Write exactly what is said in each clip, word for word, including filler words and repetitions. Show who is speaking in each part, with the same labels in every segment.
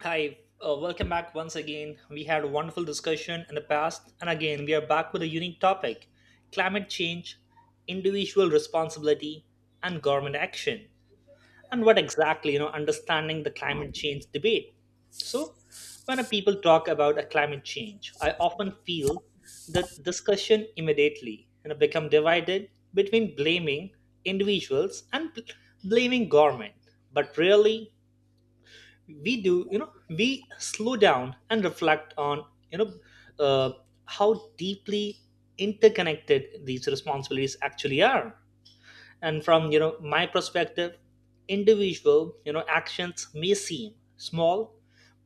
Speaker 1: Hi, uh, welcome back once again. We had a wonderful discussion in the past, and again, we are back with a unique topic: climate change, individual responsibility, and government action. And what exactly, you know, understanding the climate change debate. So, when a people talk about a climate change, I often feel the discussion immediately you know, become divided between blaming individuals and bl- blaming government, but really we do you know we slow down and reflect on you know uh, how deeply interconnected these responsibilities actually are. And from you know my perspective, individual you know actions may seem small,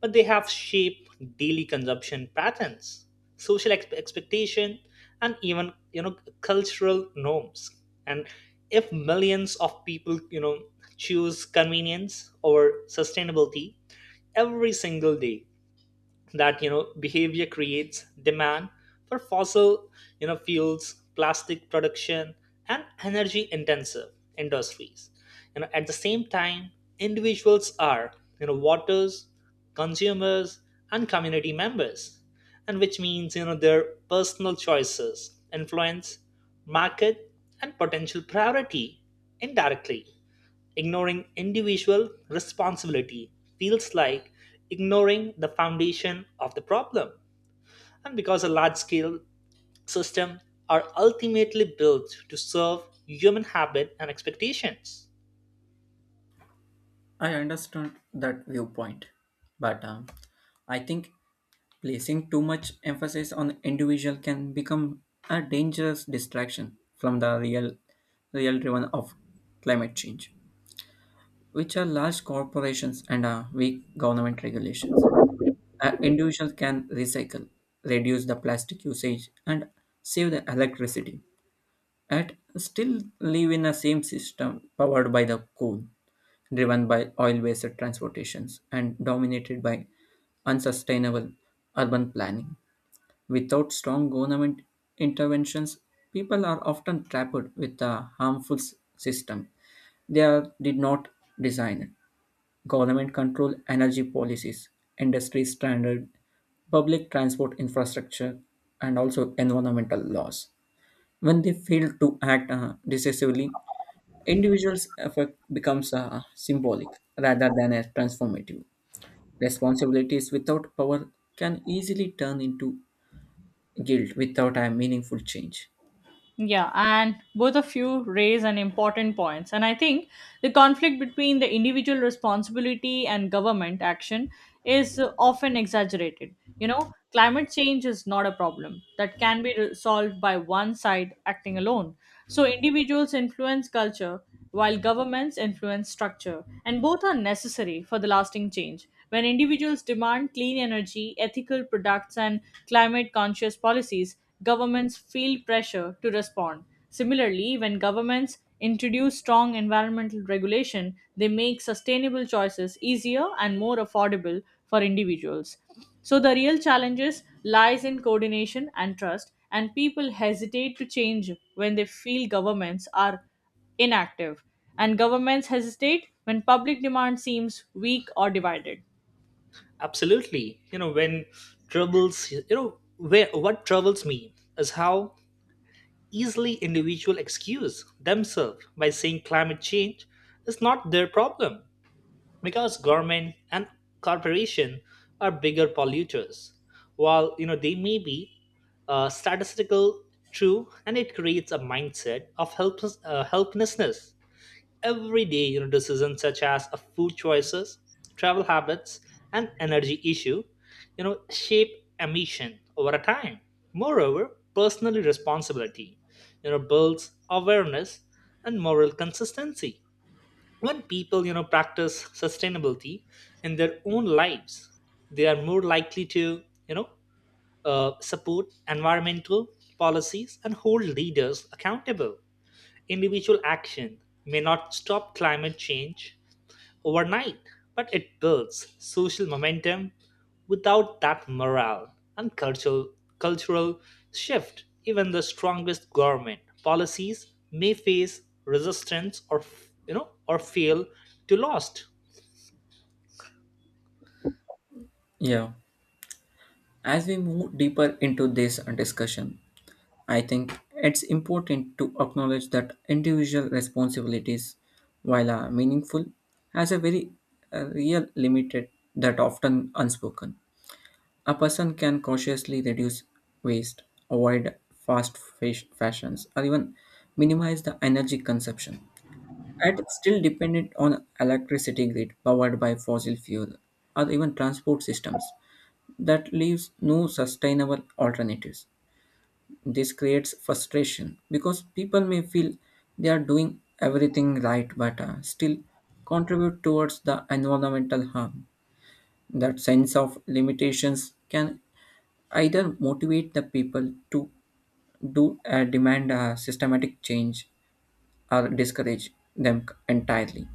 Speaker 1: but they have shaped daily consumption patterns, social ex- expectation, and even you know cultural norms. And if millions of people you know choose convenience over sustainability every single day, that you know behavior creates demand for fossil you know fuels, plastic production, and energy intensive industries. You know at the same time, individuals are you know voters, consumers, and community members, and which means you know their personal choices influence market and potential priority indirectly. Ignoring individual responsibility feels like ignoring the foundation of the problem. And because a large scale system are ultimately built to serve human habit and expectations.
Speaker 2: I understand that viewpoint, but um, I think placing too much emphasis on individual can become a dangerous distraction from the real, real driven of climate change, which are large corporations and uh, weak government regulations. An individual can recycle, reduce the plastic usage, and save the electricity, and still live in the same system powered by the coal, driven by oil based transportations and dominated by unsustainable urban planning. Without strong government interventions, people are often trapped with a harmful s- system they are, did not design. Government control energy policies, industry standard, public transport infrastructure, and also environmental laws. When they fail to act uh, decisively, individuals' effect becomes uh, symbolic rather than a transformative. Responsibilities without power can easily turn into guilt without a meaningful change.
Speaker 3: Yeah, and both of you raise an important points. And I think the conflict between the individual responsibility and government action is uh, often exaggerated. You know, climate change is not a problem that can be re- solved by one side acting alone. So individuals influence culture while governments influence structure, and both are necessary for the lasting change. When individuals demand clean energy, ethical products, and climate conscious policies, governments feel pressure to respond. Similarly, when governments introduce strong environmental regulation, they make sustainable choices easier and more affordable for individuals. So the real challenges lies in coordination and trust, and people hesitate to change when they feel governments are inactive, and governments hesitate when public demand seems weak or divided.
Speaker 1: Absolutely. You know, when troubles, you know, where what troubles me is how easily individual excuse themselves by saying climate change is not their problem because government and corporation are bigger polluters. While you know they may be uh, statistical true, and it creates a mindset of helpless, uh, helplessness. Everyday you know decisions, such as uh, food choices, travel habits, and energy issue, you know shape emission over a time. Moreover, personal responsibility you know builds awareness and moral consistency. When people you know practice sustainability in their own lives, they are more likely to you know uh, support environmental policies and hold leaders accountable. Individual action may not stop climate change overnight, but it builds social momentum. Without that morale and cultural, cultural shift, even the strongest government policies may face resistance or f- you know or fail to lost.
Speaker 2: Yeah. As we move deeper into this discussion, I think it's important to acknowledge that individual responsibilities, while uh, meaningful, has a very uh, real limited that often unspoken. A person can cautiously reduce waste, avoid fast fash- fashions, or even minimize the energy consumption. And it's still dependent on electricity grid powered by fossil fuel or even transport systems that leaves no sustainable alternatives. This creates frustration because people may feel they are doing everything right but uh, still contribute towards the environmental harm. That sense of limitations can either motivate the people to do uh, demand a systematic change or discourage them entirely.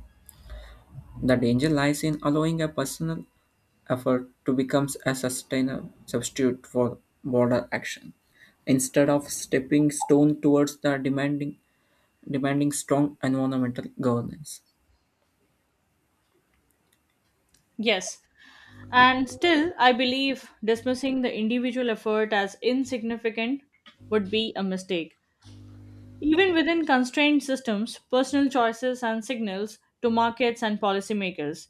Speaker 2: The danger lies in allowing a personal effort to become a sustainable substitute for broader action. Instead of stepping stone towards the demanding demanding strong environmental governance.
Speaker 3: Yes, and still, I believe dismissing the individual effort as insignificant would be a mistake. Even within constrained systems, personal choices and signals to markets and policymakers.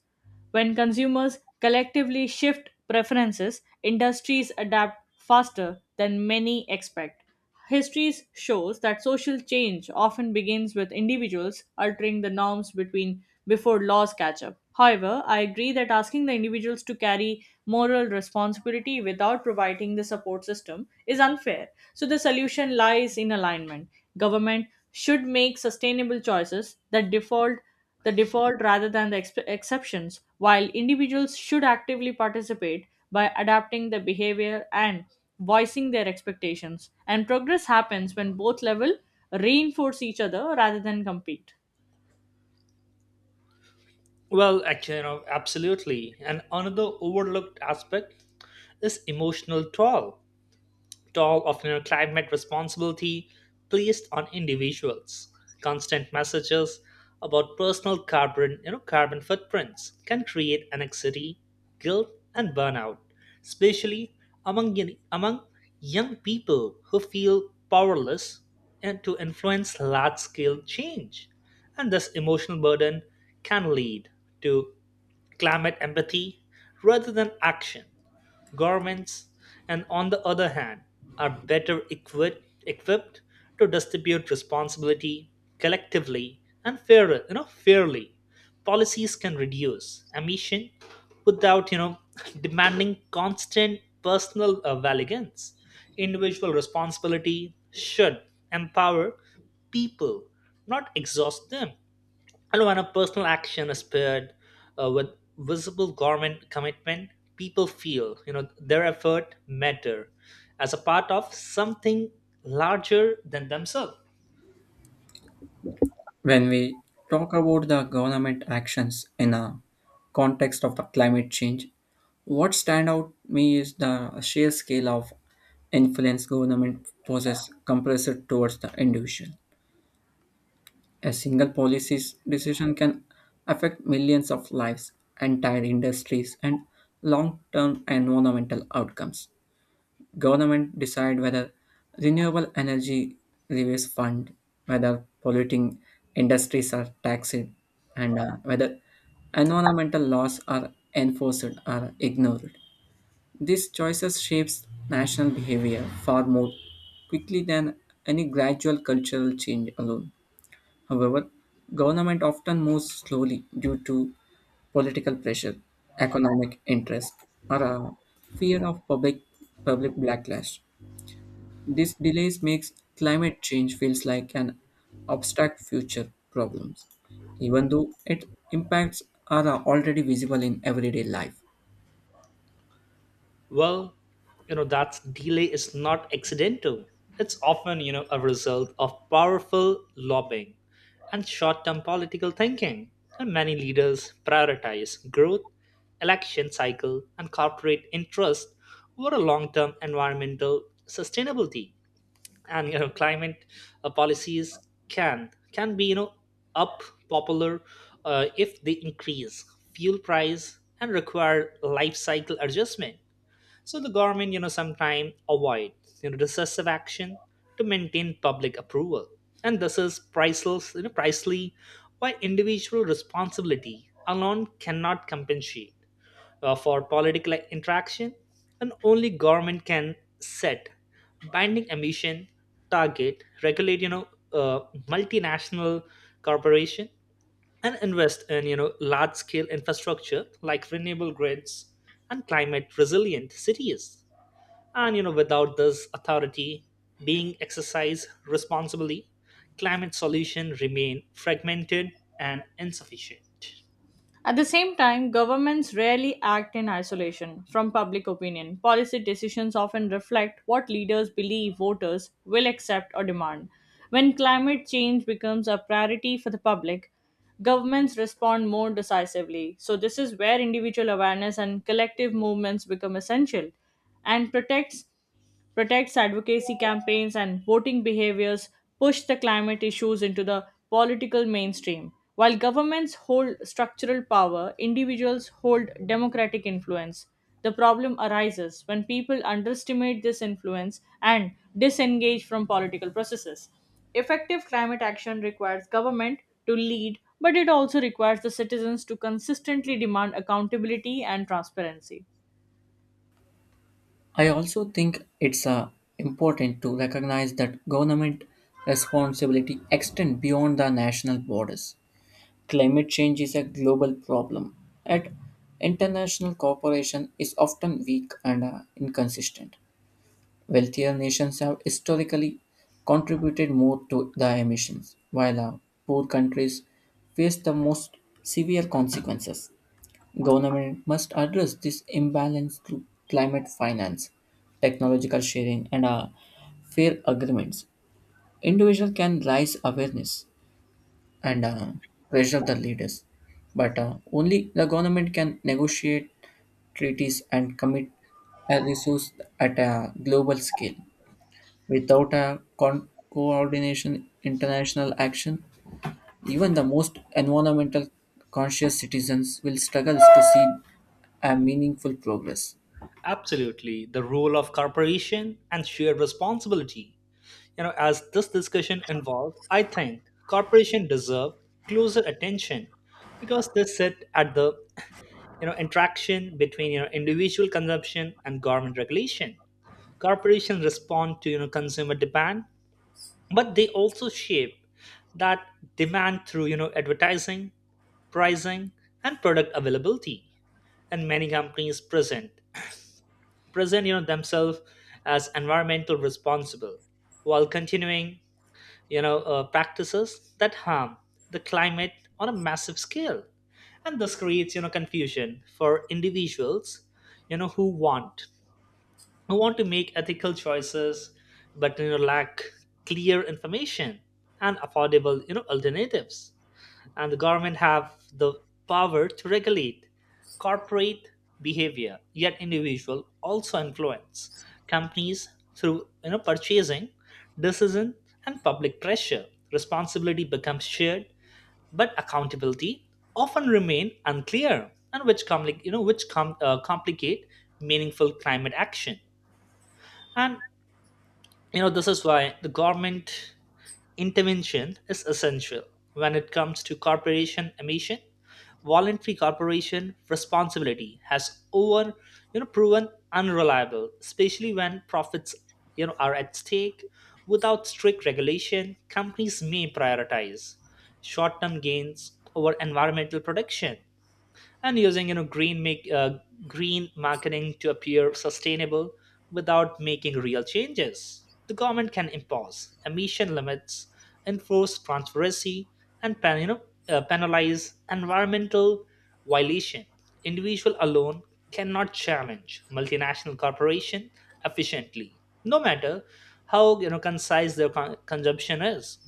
Speaker 3: When consumers collectively shift preferences, industries adapt faster than many expect. History shows that social change often begins with individuals altering the norms between before laws catch up. However, I agree that asking the individuals to carry moral responsibility without providing the support system is unfair. So, the solution lies in alignment. Government should make sustainable choices that default the default rather than the exp- exceptions, while individuals should actively participate by adapting their behavior and voicing their expectations. And progress happens when both levels reinforce each other rather than compete.
Speaker 1: Well, actually, you know, absolutely. And another overlooked aspect is emotional toll. Talk of you know, climate responsibility placed on individuals. Constant messages about personal carbon, you know, carbon footprints can create anxiety, guilt, and burnout, especially among y- among young people who feel powerless and to influence large-scale change. And this emotional burden can lead to climate empathy rather than action. Governments, and on the other hand, are better equipped, equipped to distribute responsibility collectively and fair, you know, fairly. Policies can reduce emission without, you know, demanding constant personal uh, valiance. Individual responsibility should empower people, not exhaust them. And when a personal action is paired uh, with visible government commitment, people feel you know their effort matter as a part of something larger than themselves.
Speaker 2: When we talk about the government actions in a context of the climate change, what stand out me is the sheer scale of influence government possess compressed towards the individual. A single policy decision can affect millions of lives, entire industries, and long-term environmental outcomes. Government decide whether renewable energy levies fund, whether polluting industries are taxed, and uh, whether environmental laws are enforced or ignored. These choices shapes national behavior far more quickly than any gradual cultural change alone. However, government often moves slowly due to political pressure, economic interest, or a fear of public public backlash. This delays makes climate change feels like an abstract future problems, even though its impacts are already visible in everyday life.
Speaker 1: Well, you know, that delay is not accidental. It's often, you know, a result of powerful lobbying and short term political thinking. And many leaders prioritize growth, election cycle, and corporate interest over a long term environmental sustainability. And, you know, climate uh, policies can, can be, you know, up popular uh, if they increase fuel price and require life cycle adjustment. So the government, you know, sometimes avoids you know decisive action to maintain public approval, and this is priceless, you know, pricely why individual responsibility alone cannot compensate uh, for political interaction, and only government can set binding emission target, regulate you know uh, multinational corporation, and invest in you know large scale infrastructure like renewable grids and climate resilient cities. And you know, without this authority being exercised responsibly, climate solutions remain fragmented and insufficient.
Speaker 3: At the same time, governments rarely act in isolation from public opinion. Policy decisions often reflect what leaders believe voters will accept or demand. When climate change becomes a priority for the public, governments respond more decisively. So, this is where individual awareness and collective movements become essential and protects protects advocacy campaigns and voting behaviors push the climate issues into the political mainstream. While governments hold structural power, individuals hold democratic influence. The problem arises when people underestimate this influence and disengage from political processes. Effective climate action requires government to lead, but it also requires the citizens to consistently demand accountability and transparency.
Speaker 2: I also think it's uh, important to recognize that government responsibility extend beyond the national borders. Climate change is a global problem, and international cooperation is often weak and uh, inconsistent. Wealthier nations have historically contributed more to the emissions, while uh, poor countries face the most severe consequences. Government must address this imbalance through climate finance, technological sharing, and uh, fair agreements. Individual can raise awareness and uh, pressure the leaders, but uh, only the government can negotiate treaties and commit a resource at a global scale. Without a con- coordination international action, even the most environmental conscious citizens will struggle to see a meaningful progress.
Speaker 1: Absolutely, the role of corporation and shared responsibility. You know, as this discussion involved, I think corporation deserve closer attention because they sit at the you know interaction between you know individual consumption and government regulation. Corporations respond to you know consumer demand, but they also shape that demand through you know advertising, pricing, and product availability. And many companies present present you know themselves as environmental responsible while continuing you know uh, practices that harm the climate on a massive scale. And this creates you know confusion for individuals you know who want who want to make ethical choices, but you know, lack clear information and affordable you know alternatives. And the government have the power to regulate corporate behavior, yet individual also influence companies through you know purchasing decision and public pressure. Responsibility becomes shared, but accountability often remain unclear, and which compli- you know which com- uh, complicate meaningful climate action. And you know this is why the government intervention is essential. When it comes to corporation emission, voluntary corporation responsibility has over you know proven unreliable, especially when profits you know are at stake. Without strict regulation, companies may prioritize short term gains over environmental protection, and using you know green make uh, green marketing to appear sustainable without making real changes. The government can impose emission limits, enforce transparency, and pen, you know, uh, penalize environmental violation. Individual alone cannot challenge multinational corporation efficiently, no matter how you know concise their con- consumption is.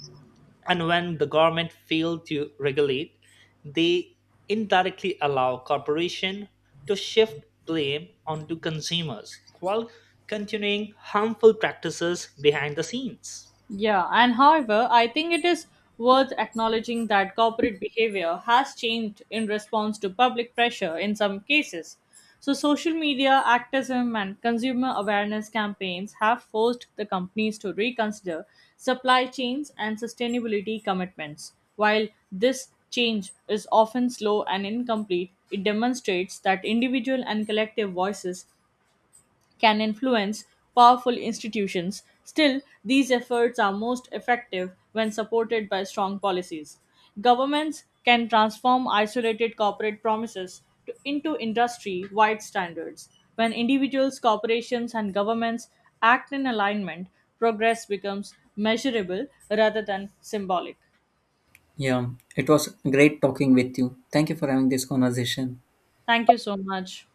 Speaker 1: And when the government fail to regulate, they indirectly allow corporations to shift blame onto consumers while continuing harmful practices behind the scenes.
Speaker 3: Yeah, and however, I think it is worth acknowledging that corporate behavior has changed in response to public pressure in some cases. So, social media activism and consumer awareness campaigns have forced the companies to reconsider supply chains and sustainability commitments. While this change is often slow and incomplete, it demonstrates that individual and collective voices can influence powerful institutions. Still, these efforts are most effective when supported by strong policies. Governments can transform isolated corporate promises to, into industry wide standards. When individuals, corporations, and governments act in alignment, progress becomes measurable rather than symbolic.
Speaker 2: Yeah, it was great talking with you. Thank you for having this conversation.
Speaker 3: Thank you so much.